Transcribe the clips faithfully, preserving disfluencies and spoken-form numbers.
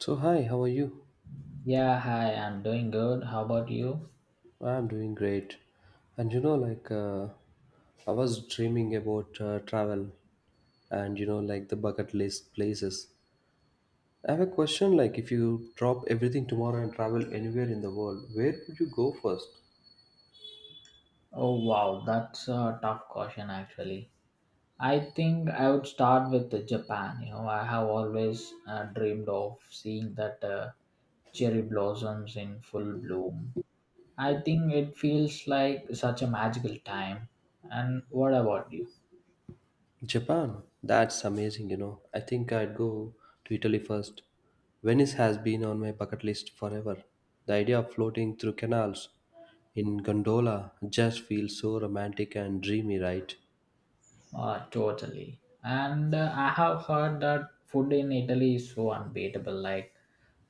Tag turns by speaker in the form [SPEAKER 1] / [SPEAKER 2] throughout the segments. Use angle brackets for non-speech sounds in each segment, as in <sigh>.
[SPEAKER 1] So hi, how are you?
[SPEAKER 2] Yeah, hi, I'm doing good. How about you?
[SPEAKER 1] I'm doing great. And you know, like uh, I was dreaming about uh, travel, and you know, like the bucket list places. I have a question. Like, if you drop everything tomorrow and travel anywhere in the world, where would you go first?
[SPEAKER 2] Oh, wow, that's a tough question actually. I think I would start with the Japan. You know, I have always uh, dreamed of seeing that uh, cherry blossoms in full bloom. I think it feels like such a magical time. And what about you?
[SPEAKER 1] Japan. That's amazing. You know, I think I'd go to Italy first. Venice has been on my bucket list forever. The idea of floating through canals in gondola just feels so romantic and dreamy, right?
[SPEAKER 2] Uh, totally. And uh, I have heard that food in Italy is so unbeatable, like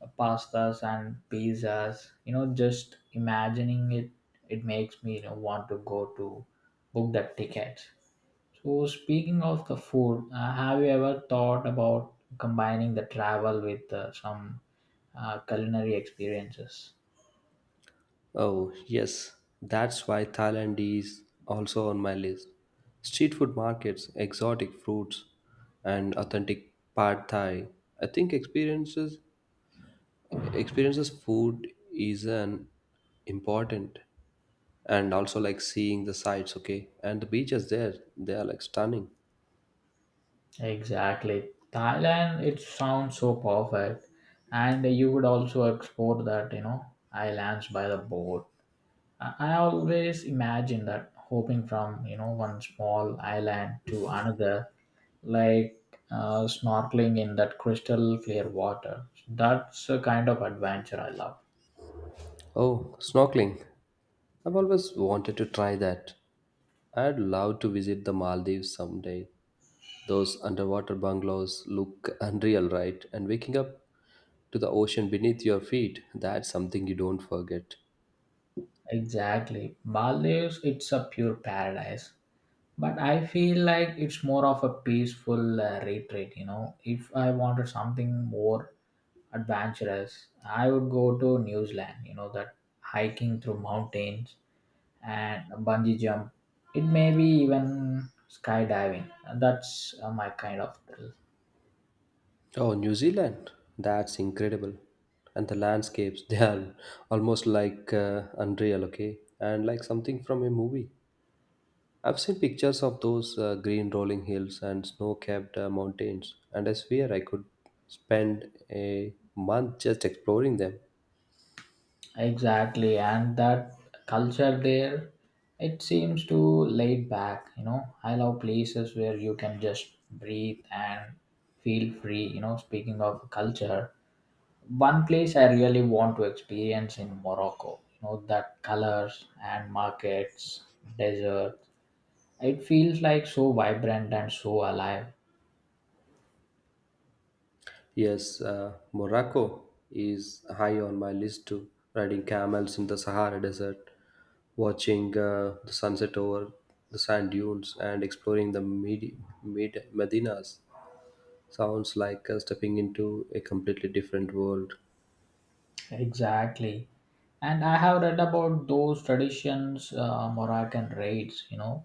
[SPEAKER 2] uh, pastas and pizzas. You know, just imagining it, it makes me, you know, want to go to book that ticket. So, speaking of the food, uh, have you ever thought about combining the travel with uh, some uh, culinary experiences?
[SPEAKER 1] Oh, yes, that's why Thailand is also on my list. Street food markets, exotic fruits, and authentic pad Thai. I think experiences experiences food is an important and also like seeing the sights, okay? And the beaches there, they are like stunning.
[SPEAKER 2] Exactly. Thailand, it sounds so perfect. And you would also explore that, you know, islands by the boat. I I always imagine that hopping from, you know, one small island to another, like uh, snorkeling in that crystal clear water. That's a kind of adventure I love.
[SPEAKER 1] Oh, snorkeling. I've always wanted to try that. I'd love to visit the Maldives someday. Those underwater bungalows look unreal, right? And waking up to the ocean beneath your feet, that's something you don't forget.
[SPEAKER 2] Exactly. Maldives, it's a pure paradise. But I feel like it's more of a peaceful uh, retreat. You know if I wanted something more adventurous, I would go to New Zealand. You know that hiking through mountains and bungee jump, it may be even skydiving. That's uh, my kind of thrill.
[SPEAKER 1] Oh, New Zealand. That's incredible. And the landscapes, <laughs> they are almost like uh, unreal, okay? And like something from a movie. I've seen pictures of those uh, green rolling hills and snow capped mountains, and I swear I could spend a month just exploring them.
[SPEAKER 2] Exactly. And that culture there, it seems to laid back. You know i love places where you can just breathe and feel free. You know speaking of culture, one place I really want to experience in Morocco, you know, that colors and markets, desert. It feels like so vibrant and so alive.
[SPEAKER 1] Yes, uh, Morocco is high on my list too. Riding camels in the Sahara Desert, watching uh, the sunset over the sand dunes, and exploring the Medi- Med- Medinas sounds like uh, stepping into a completely different world.
[SPEAKER 2] Exactly. And I have read about those traditions, uh, Moroccan raids, you know,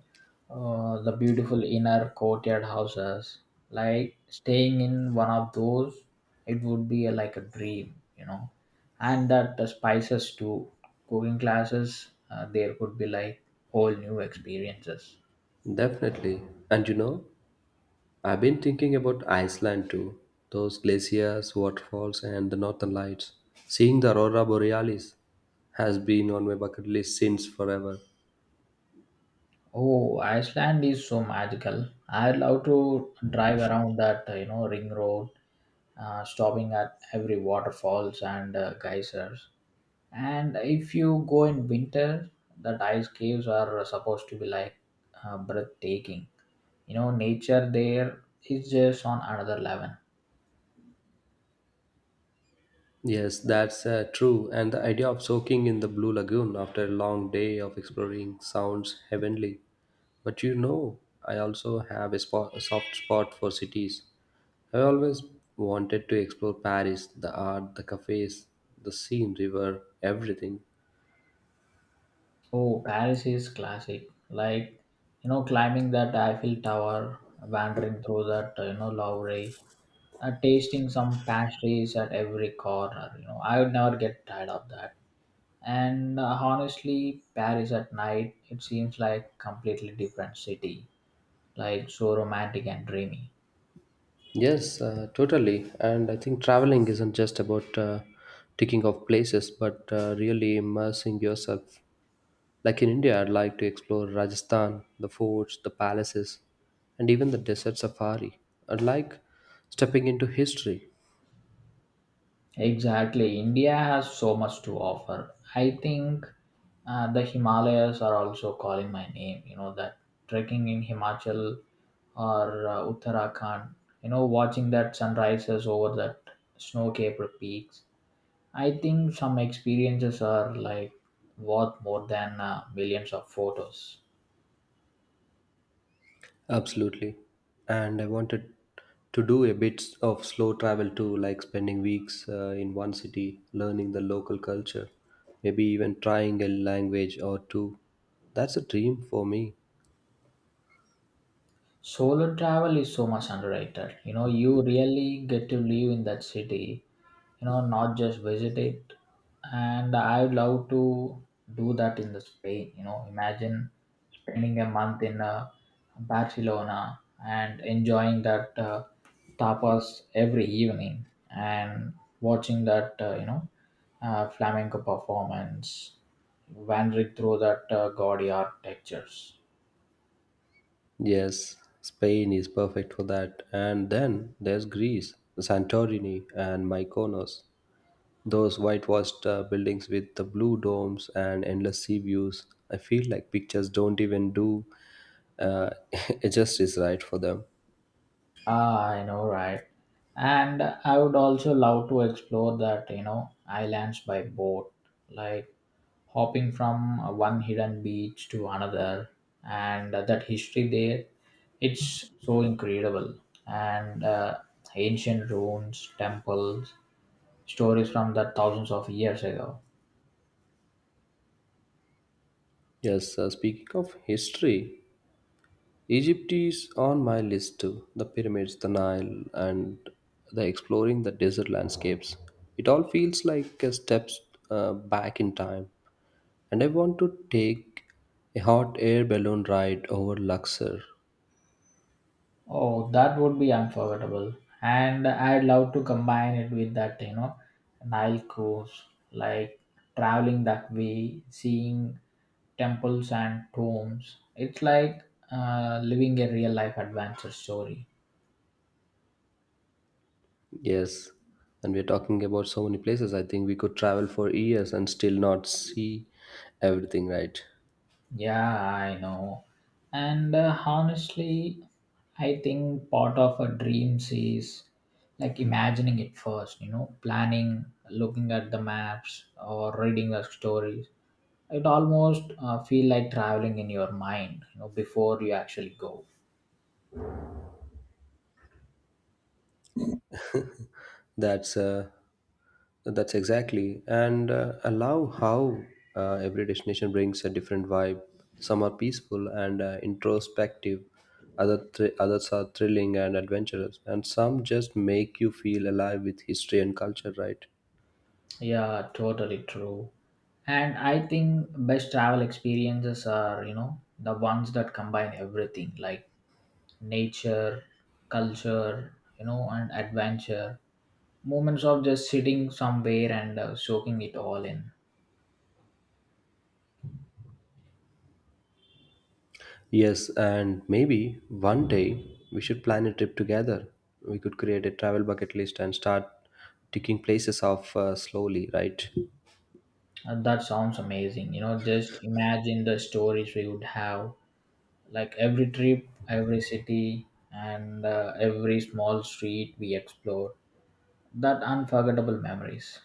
[SPEAKER 2] uh, the beautiful inner courtyard houses. Like staying in one of those, it would be a, like a dream, you know. And that the spices too, cooking classes, uh, there could be like whole new experiences.
[SPEAKER 1] Definitely. And you know, I've been thinking about Iceland too. Those glaciers, waterfalls, and the northern lights. Seeing the aurora borealis has been on my bucket list since forever.
[SPEAKER 2] Oh, Iceland is so magical. I love to drive around that, uh, you know, ring road uh, stopping at every waterfalls and uh, geysers. And if you go in winter, that ice caves are supposed to be like uh, breathtaking. You know, nature there is just on another level.
[SPEAKER 1] Yes, that's uh, true. And the idea of soaking in the blue lagoon after a long day of exploring sounds heavenly. But you know, I also have a, spot, a soft spot for cities. I always wanted to explore Paris, the art, the cafes, the Seine river, everything.
[SPEAKER 2] Oh, Paris is classic. Like, you know, climbing that Eiffel Tower, wandering through that, uh, you know, Louvre, uh, tasting some pastries at every corner. You know, I would never get tired of that. And uh, honestly, Paris at night, it seems like completely different city, like so romantic and dreamy.
[SPEAKER 1] Yes, uh, totally. And I think traveling isn't just about uh, ticking off places, but uh, really immersing yourself. Like in India, I'd like to explore Rajasthan, the forts, the palaces, and even the desert safari. I'd like stepping into history.
[SPEAKER 2] Exactly, India has so much to offer. I think uh, the Himalayas are also calling my name. You know that trekking in Himachal or uh, Uttarakhand. You know, watching that sunrises over that snow-capped peaks. I think some experiences are like worth more than uh, millions of photos.
[SPEAKER 1] Absolutely. And I wanted to do a bit of slow travel too, like spending weeks uh, in one city, learning the local culture, maybe even trying a language or two. That's a dream for me.
[SPEAKER 2] Solo travel is so much underrated. You know, you really get to live in that city, you know, not just visit it. And I'd love to do that in the Spain. You know, imagine spending a month in uh, Barcelona and enjoying that uh, tapas every evening and watching that, uh, you know, uh, flamenco performance, wandering through that uh, gaudy architectures.
[SPEAKER 1] Yes, Spain is perfect for that. And then there's Greece, Santorini, and Mykonos. Those whitewashed uh, buildings with the blue domes and endless sea views. I feel like pictures don't even do uh, <laughs> it justice right for them.
[SPEAKER 2] Ah, I know, right? And I would also love to explore that, you know, islands by boat, like hopping from uh, one hidden beach to another and uh, that history there, it's so incredible and uh, ancient ruins temples, stories from that thousands of years ago.
[SPEAKER 1] Yes, uh, speaking of history, Egypt is on my list too. The pyramids, the Nile, and the exploring the desert landscapes. It all feels like a steps uh, back in time. And I want to take a hot air balloon ride over Luxor.
[SPEAKER 2] Oh, that would be unforgettable. And I'd love to combine it with that, you know, Nile cruise, like traveling that way, seeing temples and tombs. It's like uh, living a real life adventure story.
[SPEAKER 1] Yes. And we're talking about so many places. I think we could travel for years and still not see everything, right?
[SPEAKER 2] Yeah, I know. And uh, honestly, I think part of a dreams is like imagining it first, you know, planning, looking at the maps or reading the stories. It almost uh, feel like traveling in your mind, you know, before you actually go.
[SPEAKER 1] That's uh, that's exactly. And uh, allow how uh, every destination brings a different vibe. Some are peaceful and uh, introspective. Other thr others are thrilling and adventurous, and some just make you feel alive with history and culture, right?
[SPEAKER 2] Yeah, totally true. And I think best travel experiences are, you know, the ones that combine everything, like nature, culture, you know, and adventure, moments of just sitting somewhere and uh, soaking it all in.
[SPEAKER 1] Yes, and maybe one day we should plan a trip together. We could create a travel bucket list and start ticking places off uh, slowly, right?
[SPEAKER 2] Uh, that sounds amazing. You know, just imagine the stories we would have, like every trip, every city, and uh, every small street we explore, that unforgettable memories.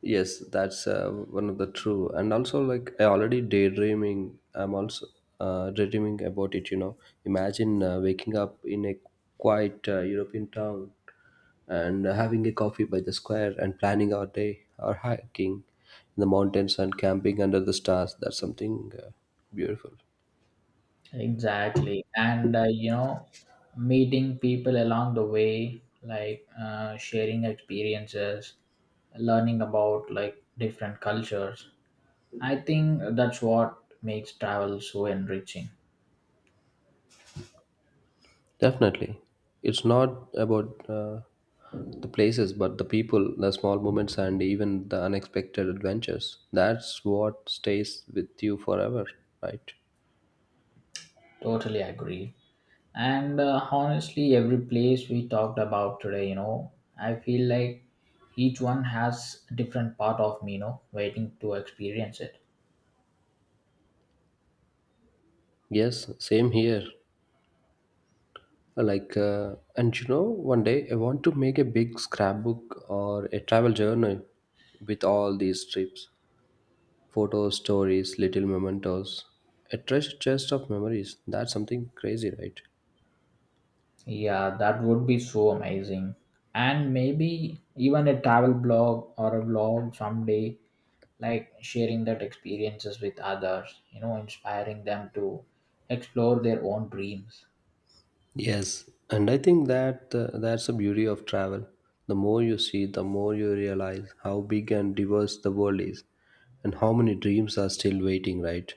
[SPEAKER 1] Yes, that's uh, one of the true. And also, like I already daydreaming. I'm also uh, daydreaming about it. You know, imagine uh, waking up in a quiet uh, European town and having a coffee by the square and planning our day, our hiking in the mountains and camping under the stars. That's something uh, beautiful.
[SPEAKER 2] Exactly. And uh, you know, meeting people along the way, like uh, sharing experiences, learning about like different cultures. I think that's what makes travel so enriching.
[SPEAKER 1] Definitely. It's not about uh, the places, but the people, the small moments, and even the unexpected adventures. That's what stays with you forever, right?
[SPEAKER 2] Totally agree. And uh, honestly, every place we talked about today, you know, I feel like each one has a different part of me, you know, waiting to experience it.
[SPEAKER 1] Yes, same here. Like, uh, and you know, one day I want to make a big scrapbook or a travel journal with all these trips, photos, stories, little mementos, a treasure chest of memories. That's something crazy, right?
[SPEAKER 2] Yeah, that would be so amazing. And maybe even a travel blog or a vlog someday, like sharing that experiences with others, you know, inspiring them to explore their own dreams.
[SPEAKER 1] Yes, and I think that uh, that's the beauty of travel. The more you see, the more you realize how big and diverse the world is, and how many dreams are still waiting, right?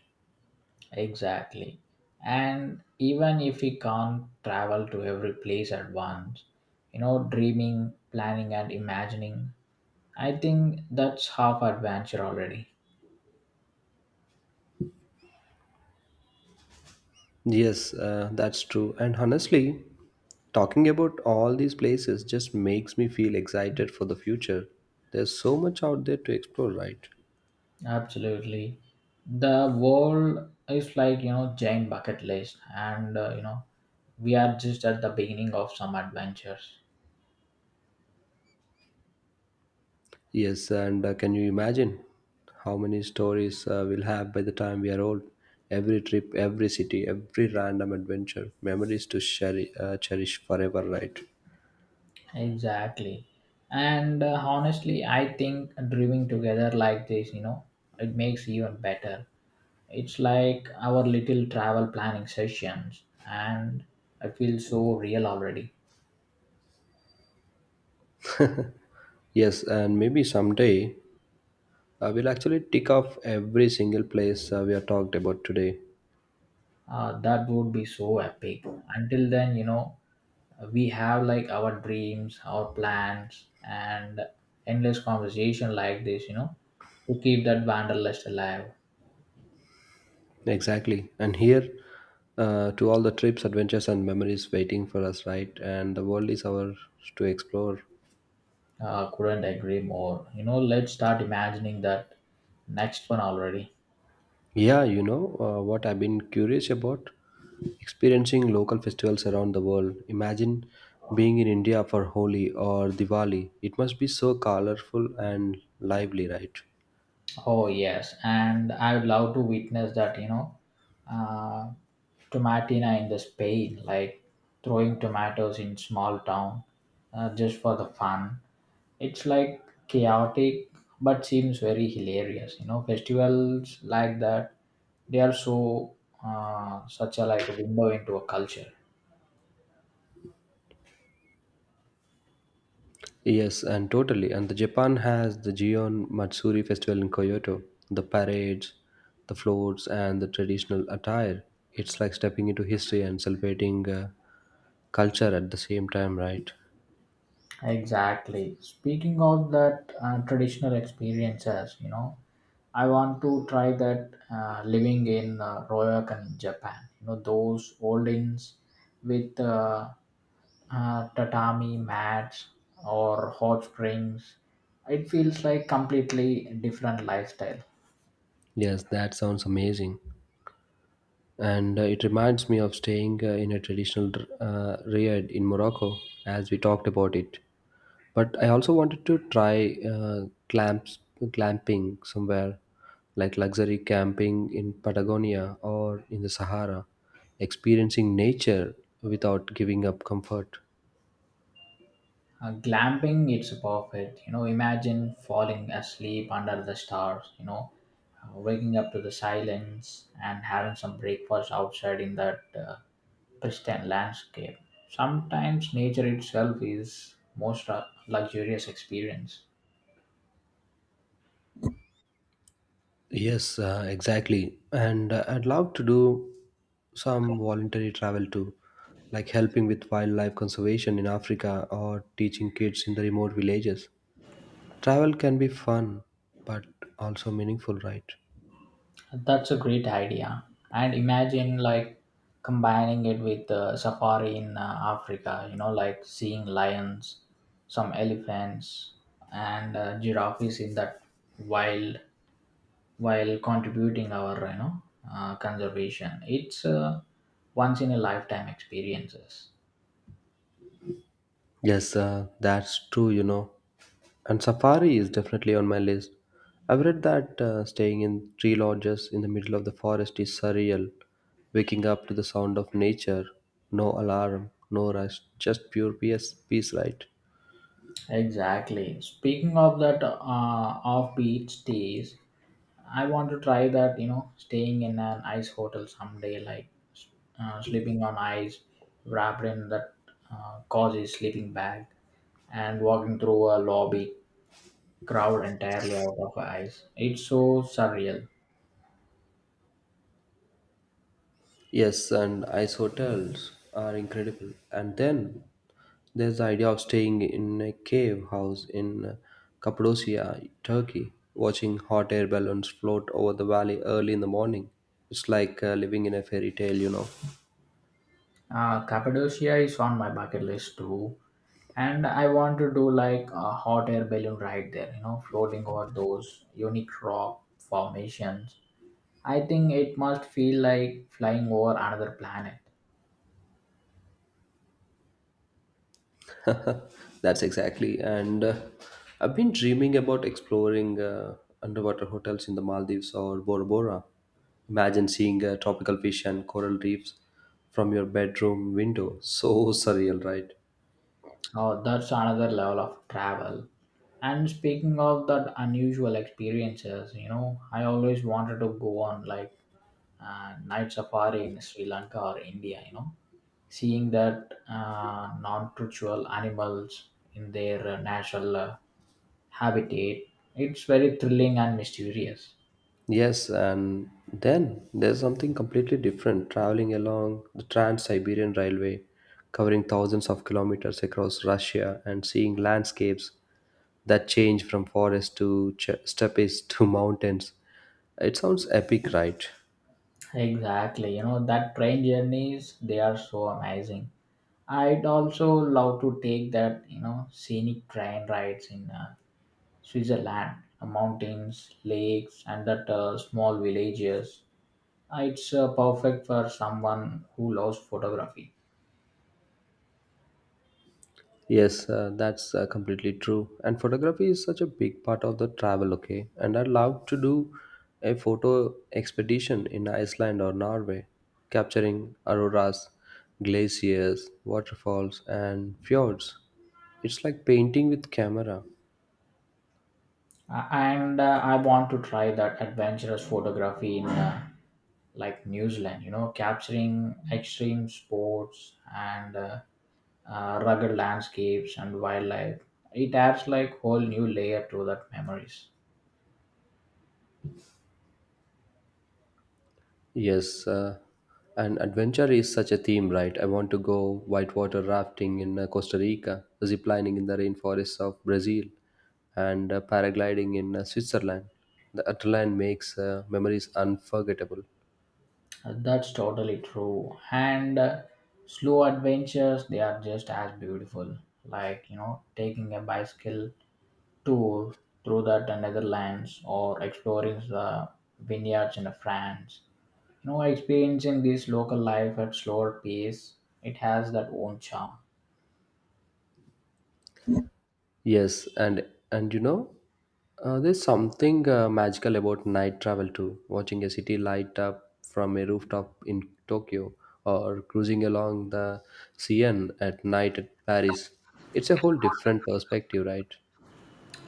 [SPEAKER 2] Exactly. And even if we can't travel to every place at once, you know, dreaming, planning, and imagining, I think that's half adventure already.
[SPEAKER 1] Yes, uh, that's true. And honestly, talking about all these places just makes me feel excited for the future. There's so much out there to explore, right?
[SPEAKER 2] Absolutely. The world is like, you know, giant bucket list, and, uh, you know, we are just at the beginning of some adventures.
[SPEAKER 1] Yes, and uh, can you imagine how many stories uh, we'll have by the time we are old? Every trip, every city, every random adventure, memories to cheri- uh, cherish forever, right?
[SPEAKER 2] Exactly. And uh, honestly, I think dreaming together like this, you know, it makes even better. It's like our little travel planning sessions, and I feel so real already.
[SPEAKER 1] Yes, and maybe someday uh, we'll actually tick off every single place uh, we have talked about today.
[SPEAKER 2] Uh, that would be so epic. Until then, you know, we have like our dreams, our plans, and endless conversation like this, you know, to keep that wanderlust alive.
[SPEAKER 1] Exactly. And here uh, to all the trips, adventures, and memories waiting for us, right? And the world is ours to explore.
[SPEAKER 2] Uh, couldn't agree more. You know, let's start imagining that next one already.
[SPEAKER 1] Yeah, you know uh, what I've been curious about? Experiencing local festivals around the world. Imagine being in India for Holi or Diwali. It must be so colorful and lively, right?
[SPEAKER 2] Oh yes, and I would love to witness that. You know, uh, tomatina in the Spain, like throwing tomatoes in small town, uh, just for the fun. It's like chaotic, but seems very hilarious. You know, festivals like that, they are so uh, such a like a window into a culture.
[SPEAKER 1] Yes, and totally. And the Japan has the Gion Matsuri festival in Kyoto. The parades, the floats, and the traditional attire. It's like stepping into history and celebrating uh, culture at the same time, right?
[SPEAKER 2] Exactly. Speaking of that uh, traditional experiences, you know, I want to try that uh, living in uh, Ryokan, Japan. You know those old inns with uh, uh, tatami mats or hot springs. It feels like completely different lifestyle.
[SPEAKER 1] Yes, that sounds amazing. And uh, it reminds me of staying uh, in a traditional uh, riad in Morocco, as we talked about it. But I also wanted to try uh, clamps, clamping somewhere, like luxury camping in Patagonia or in the Sahara, experiencing nature without giving up comfort.
[SPEAKER 2] Uh, glamping, it's perfect. You know, imagine falling asleep under the stars, you know, uh, waking up to the silence and having some breakfast outside in that uh, pristine landscape. Sometimes nature itself is most uh, luxurious experience.
[SPEAKER 1] Yes, uh, exactly. And uh, I'd love to do some voluntary travel too, like helping with wildlife conservation in Africa or teaching kids in the remote villages. Travel can be fun, but also meaningful, right?
[SPEAKER 2] That's a great idea. And imagine like combining it with uh, safari in uh, Africa, you know, like seeing lions, some elephants, and uh, giraffes in that wild while contributing our, you know, uh, conservation. It's a once in a lifetime experiences.
[SPEAKER 1] Yes, uh, that's true, you know. And safari is definitely on my list. I've read that uh, staying in tree lodges in the middle of the forest is surreal. Waking up to the sound of nature, no alarm, no rush, just pure peace, peace right?
[SPEAKER 2] Exactly. Speaking of that uh, offbeat stays, I want to try that, you know, staying in an ice hotel someday, like uh, sleeping on ice, wrapped in that uh, cozy sleeping bag, and walking through a lobby crowd entirely out of ice. It's so surreal.
[SPEAKER 1] Yes, and ice hotels are incredible. And then there's the idea of staying in a cave house in Cappadocia, Turkey, watching hot air balloons float over the valley early in the morning. It's like uh, living in a fairy tale, you know.
[SPEAKER 2] Uh, Cappadocia is on my bucket list too, and I want to do like a hot air balloon ride there, you know, floating over those unique rock formations. I think it must feel like flying over another planet.
[SPEAKER 1] <laughs> That's exactly. And uh, I've been dreaming about exploring uh, underwater hotels in the Maldives or Bora Bora. Imagine seeing uh, tropical fish and coral reefs from your bedroom window. <laughs> So surreal, right?
[SPEAKER 2] Oh, that's another level of travel. And speaking of that unusual experiences, you know, I always wanted to go on like uh, night safari in Sri Lanka or India, you know, seeing that uh, non-tritual animals in their uh, natural uh, habitat, it's very thrilling and mysterious.
[SPEAKER 1] Yes, and then there's something completely different traveling along the Trans Siberian Railway, covering thousands of kilometers across Russia and seeing landscapes that change from forest to ch- steppes to <laughs> mountains. It sounds epic, right?
[SPEAKER 2] Exactly, you know, that train journeys, they are so amazing. I'd also love to take that, you know, scenic train rides in uh, Switzerland, uh, mountains, lakes, and that uh, small villages. Uh, It's uh, perfect for someone who loves photography.
[SPEAKER 1] Yes, uh, that's uh, completely true. And photography is such a big part of the travel, okay? And I'd love to do a photo expedition in Iceland or Norway, capturing auroras, glaciers, waterfalls, and fjords. It's like painting with camera.
[SPEAKER 2] Uh, and uh, I want to try that adventurous photography in uh, like New Zealand, you know, capturing extreme sports and uh, uh, rugged landscapes and wildlife. It adds like whole new layer to that memories.
[SPEAKER 1] Yes, uh, and adventure is such a theme, right? I want to go whitewater rafting in uh, Costa Rica, zip lining in the rainforests of Brazil, and uh, paragliding in uh, Switzerland. The adrenaline makes uh, memories unforgettable.
[SPEAKER 2] Uh, That's totally true. And uh, slow adventures, they are just as beautiful. Like, you know, taking a bicycle tour through the Netherlands or exploring the vineyards in France. You know, experiencing this local life at slower pace, it has that own charm.
[SPEAKER 1] Yes, and and you know, uh, there's something uh, magical about night travel too. Watching a city light up from a rooftop in Tokyo, or cruising along the Seine at night at Paris, it's a whole different perspective, right?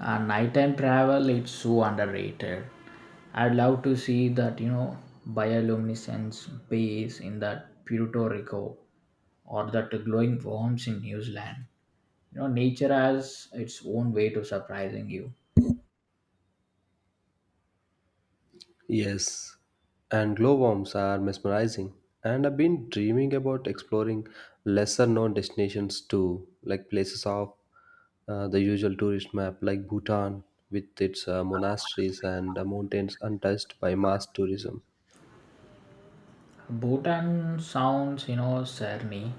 [SPEAKER 2] And nighttime travel, it's so underrated. I'd love to see that, you know, bioluminescence base in that Puerto Rico or that glowing worms in New Zealand. You know, nature has its own way to surprising you.
[SPEAKER 1] Yes, and glowworms are mesmerizing. And I've been dreaming about exploring lesser known destinations too, like places off uh, the usual tourist map, like Bhutan with its uh, monasteries and uh, mountains untouched by mass tourism.
[SPEAKER 2] Bhutan sounds, you know, serene,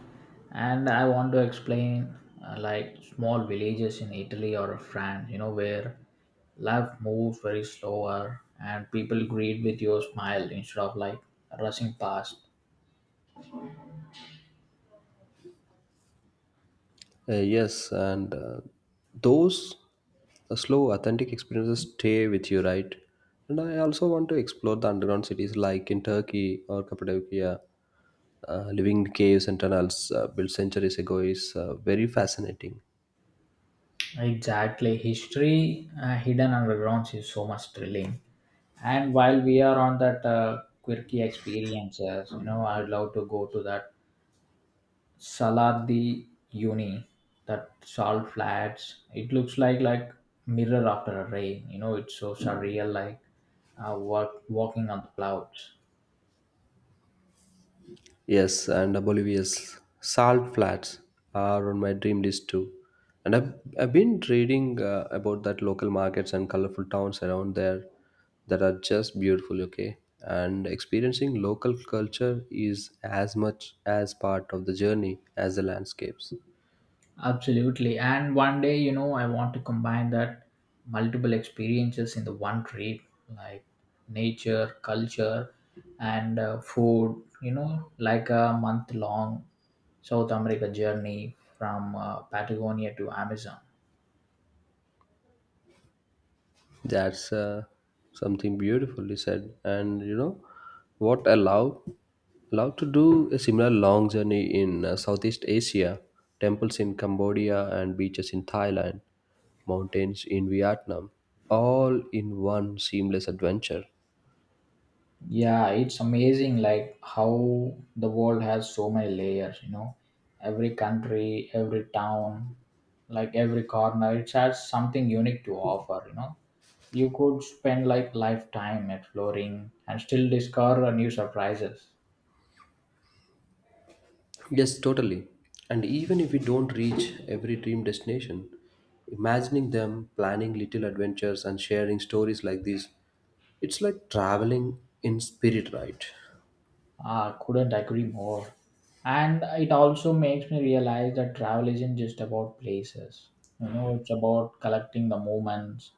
[SPEAKER 2] and I want to explain uh, like small villages in Italy or France, you know, where life moves very slower and people greet with your smile instead of like rushing past.
[SPEAKER 1] Uh, yes, and uh, those uh, slow, authentic experiences stay with you, right? And I also want to explore the underground cities like in Turkey or Cappadocia. Uh, living in caves and tunnels uh, built centuries ago is uh, very fascinating.
[SPEAKER 2] Exactly. History uh, hidden underground is so much thrilling. And while we are on that uh, quirky experiences, you know, I'd love to go to that Saladi Uni, that salt flats. It looks like like mirror after a rain. You know, it's so surreal, like uh, walk, walking on the clouds.
[SPEAKER 1] Yes, and Bolivia's salt flats are on my dream list too. And I've, I've been reading uh, about that local markets and colorful towns around there that are just beautiful, okay? And experiencing local culture is as much as part of the journey as the landscapes.
[SPEAKER 2] Absolutely. And one day, you know, I want to combine that multiple experiences in the one trip, like nature, culture, and uh, food, you know, like a month long South America journey from uh, Patagonia to Amazon.
[SPEAKER 1] That's uh, something beautifully said. And you know what I love? Love to do a similar long journey in uh, Southeast Asia, temples in Cambodia and beaches in Thailand, mountains in Vietnam, all in one seamless adventure.
[SPEAKER 2] Yeah, it's amazing like how the world has so many layers, you know. Every country, every town, like every corner, it has something unique to offer, you know. You could spend like lifetime exploring and still discover new surprises.
[SPEAKER 1] Yes, totally. And even if we don't reach every dream destination, imagining them, planning little adventures, and sharing stories like this, it's like traveling in spirit, right?
[SPEAKER 2] I couldn't agree more. And it also makes me realize that travel isn't just about places. You know, it's about collecting the moments,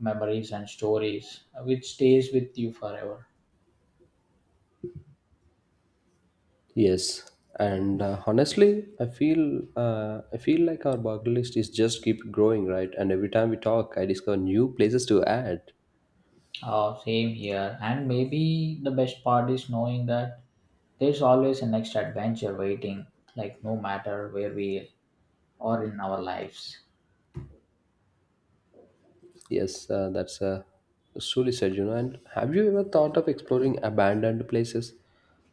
[SPEAKER 2] memories, and stories uh, which stays with you forever.
[SPEAKER 1] Yes, and uh, honestly, I feel uh, I feel like our bucket list is just keep growing, right? And every time we talk, I discover new places to add.
[SPEAKER 2] Oh, same here. And maybe the best part is knowing that there's always a next adventure waiting, like no matter where we are in our lives.
[SPEAKER 1] Yes, uh, that's uh, truly said, you know. And have you ever thought of exploring abandoned places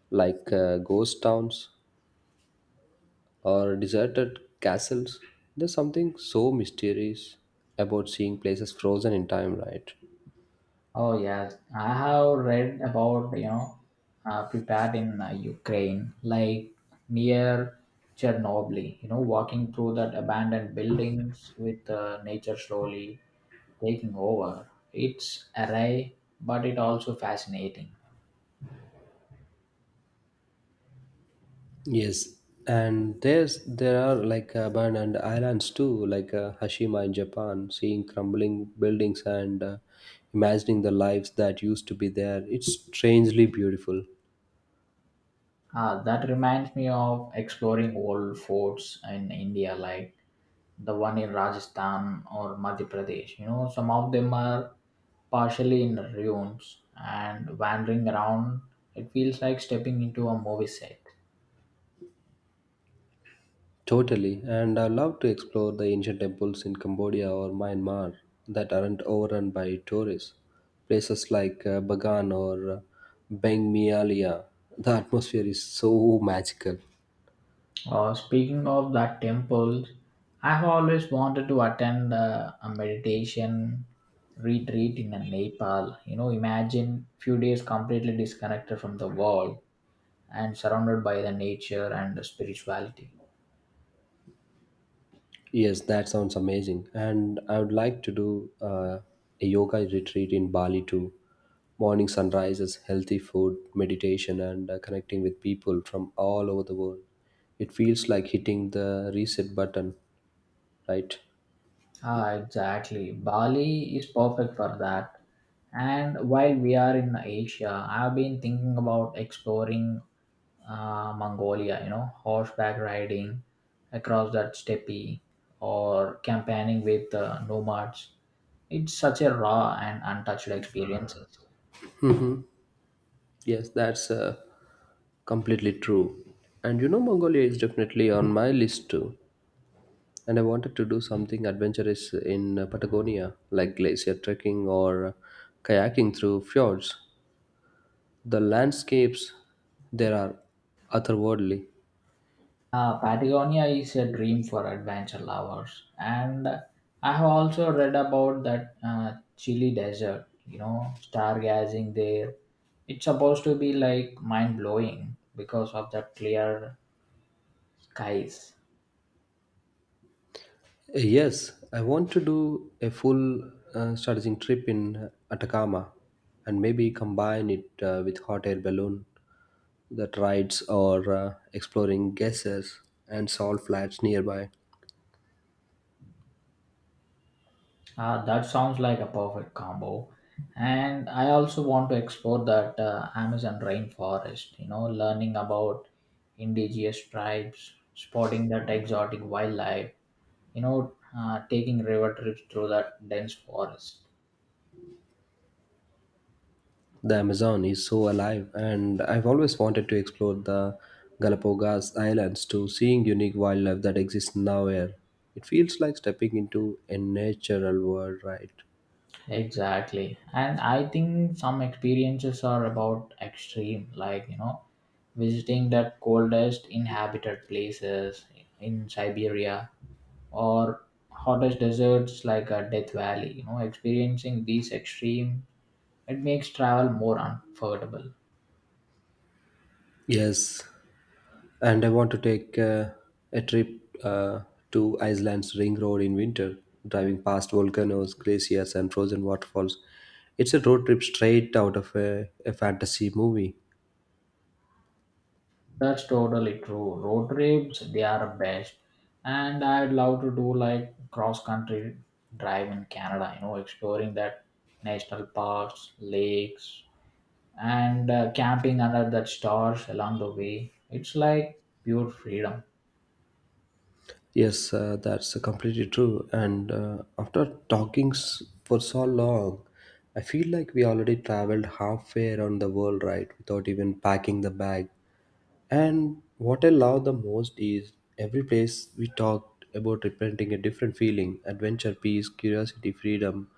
[SPEAKER 1] like uh, ghost towns or deserted castles? There's something so mysterious about seeing places frozen in time, right?
[SPEAKER 2] Oh yes, I have read about you know uh, prepared in uh, Ukraine, like near Chernobyl. You know, walking through that abandoned buildings with uh, nature slowly taking over. It's array, but it also fascinating.
[SPEAKER 1] Yes, and there's there are like abandoned islands too, like uh, Hashima in Japan, seeing crumbling buildings and uh, imagining the lives that used to be there. It's strangely beautiful,
[SPEAKER 2] Ah, that reminds me of exploring old forts in India, like the one in Rajasthan or Madhya Pradesh. You know, some of them are partially in ruins and wandering around. It feels like stepping into a movie set.
[SPEAKER 1] totally. And I love to explore the ancient temples in Cambodia or Myanmar that aren't overrun by tourists. Places like uh, Bagan or uh, Bang Mialia, the atmosphere is so magical.
[SPEAKER 2] Uh, speaking of that temples, I have always wanted to attend uh, a meditation retreat in uh, Nepal. You know, imagine few days completely disconnected from the world and surrounded by the nature and the spirituality.
[SPEAKER 1] Yes, that sounds amazing. And I would like to do uh, a yoga retreat in Bali too. Morning sunrises, healthy food, meditation, and uh, connecting with people from all over the world. It feels like hitting the reset button, right?
[SPEAKER 2] Ah, exactly. Bali is perfect for that. And while we are in Asia, I've been thinking about exploring uh, Mongolia, you know, horseback riding across that steppe or campaigning with uh, nomads. It's such a raw and untouched experience.
[SPEAKER 1] Yes, that's uh, completely true. And you know, Mongolia is definitely on my list too. And I wanted to do something adventurous in uh, Patagonia, like glacier trekking or uh, kayaking through fjords. The landscapes there are otherworldly.
[SPEAKER 2] Uh, Patagonia is a dream for adventure lovers, and I have also read about that uh, Chile desert. You know, stargazing there. It's supposed to be like mind blowing because of the clear skies.
[SPEAKER 1] Eh, yes, I want to do a full uh, strategic trip in Atacama and maybe combine it uh, with hot air balloon that rides or uh, exploring geysers and salt flats nearby.
[SPEAKER 2] Uh, that sounds like a perfect combo. And I also want to explore that uh, Amazon rainforest. You know, learning about indigenous tribes, spotting that exotic wildlife, you know, uh, taking river trips through that dense forest.
[SPEAKER 1] The Amazon is so alive, and I've always wanted to explore the Galapagos Islands to seeing unique wildlife that exists nowhere. It feels like stepping into a natural world, right?
[SPEAKER 2] Exactly. And I think some experiences are about extreme, like, you know, visiting that coldest inhabited places in Siberia or hottest deserts like uh, Death Valley. You know, experiencing these extreme, it makes travel more unforgettable.
[SPEAKER 1] Yes, and I want to take uh, a trip uh, to Iceland's Ring Road in winter, driving past volcanoes, glaciers, and frozen waterfalls. It's a road trip straight out of a, a fantasy movie.
[SPEAKER 2] That's totally true. Road trips, they are best. And I'd love to do like cross country drive in Canada, you know, exploring that national parks, lakes, and uh, camping under the stars along the way. It's like pure freedom.
[SPEAKER 1] Yes, uh, that's completely true. And uh, after talking s- for so long, I feel like we already traveled halfway around the world, right? Without even packing the bag. And what I love the most is every place we talked about representing a different feeling adventure, peace, curiosity, freedom.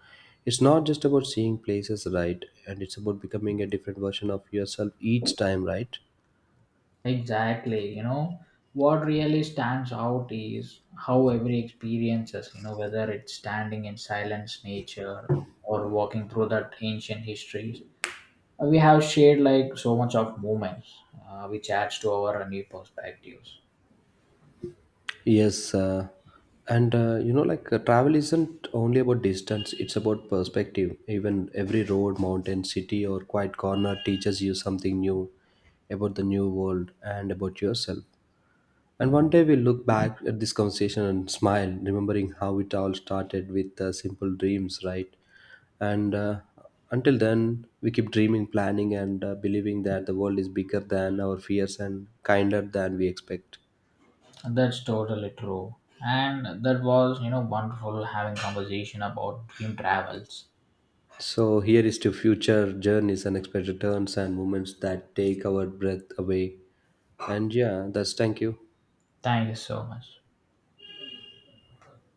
[SPEAKER 1] It's not just about seeing places right, and it's about becoming a different version of yourself each time, right?
[SPEAKER 2] Exactly, you know, what really stands out is how every experiences, you know, whether it's standing in silence nature or walking through that ancient history. Uh, we have shared like so much of moments, uh, which adds to our new perspectives.
[SPEAKER 1] Yes, uh, and uh, you know, like uh, travel isn't only about distance, it's about perspective. Even every road, mountain, city, or quiet corner teaches you something new about the new world and about yourself. And one day we'll look back at this conversation and smile, remembering how it all started with uh, simple dreams, right? And uh, until then, we keep dreaming, planning, and uh, believing that the world is bigger than our fears and kinder than we expect.
[SPEAKER 2] That's totally true, and that was, you know, wonderful having conversation about dream travels.
[SPEAKER 1] So here is to future journeys, unexpected turns, and moments that take our breath away. And yeah, that's thank you.
[SPEAKER 2] Thank you so much.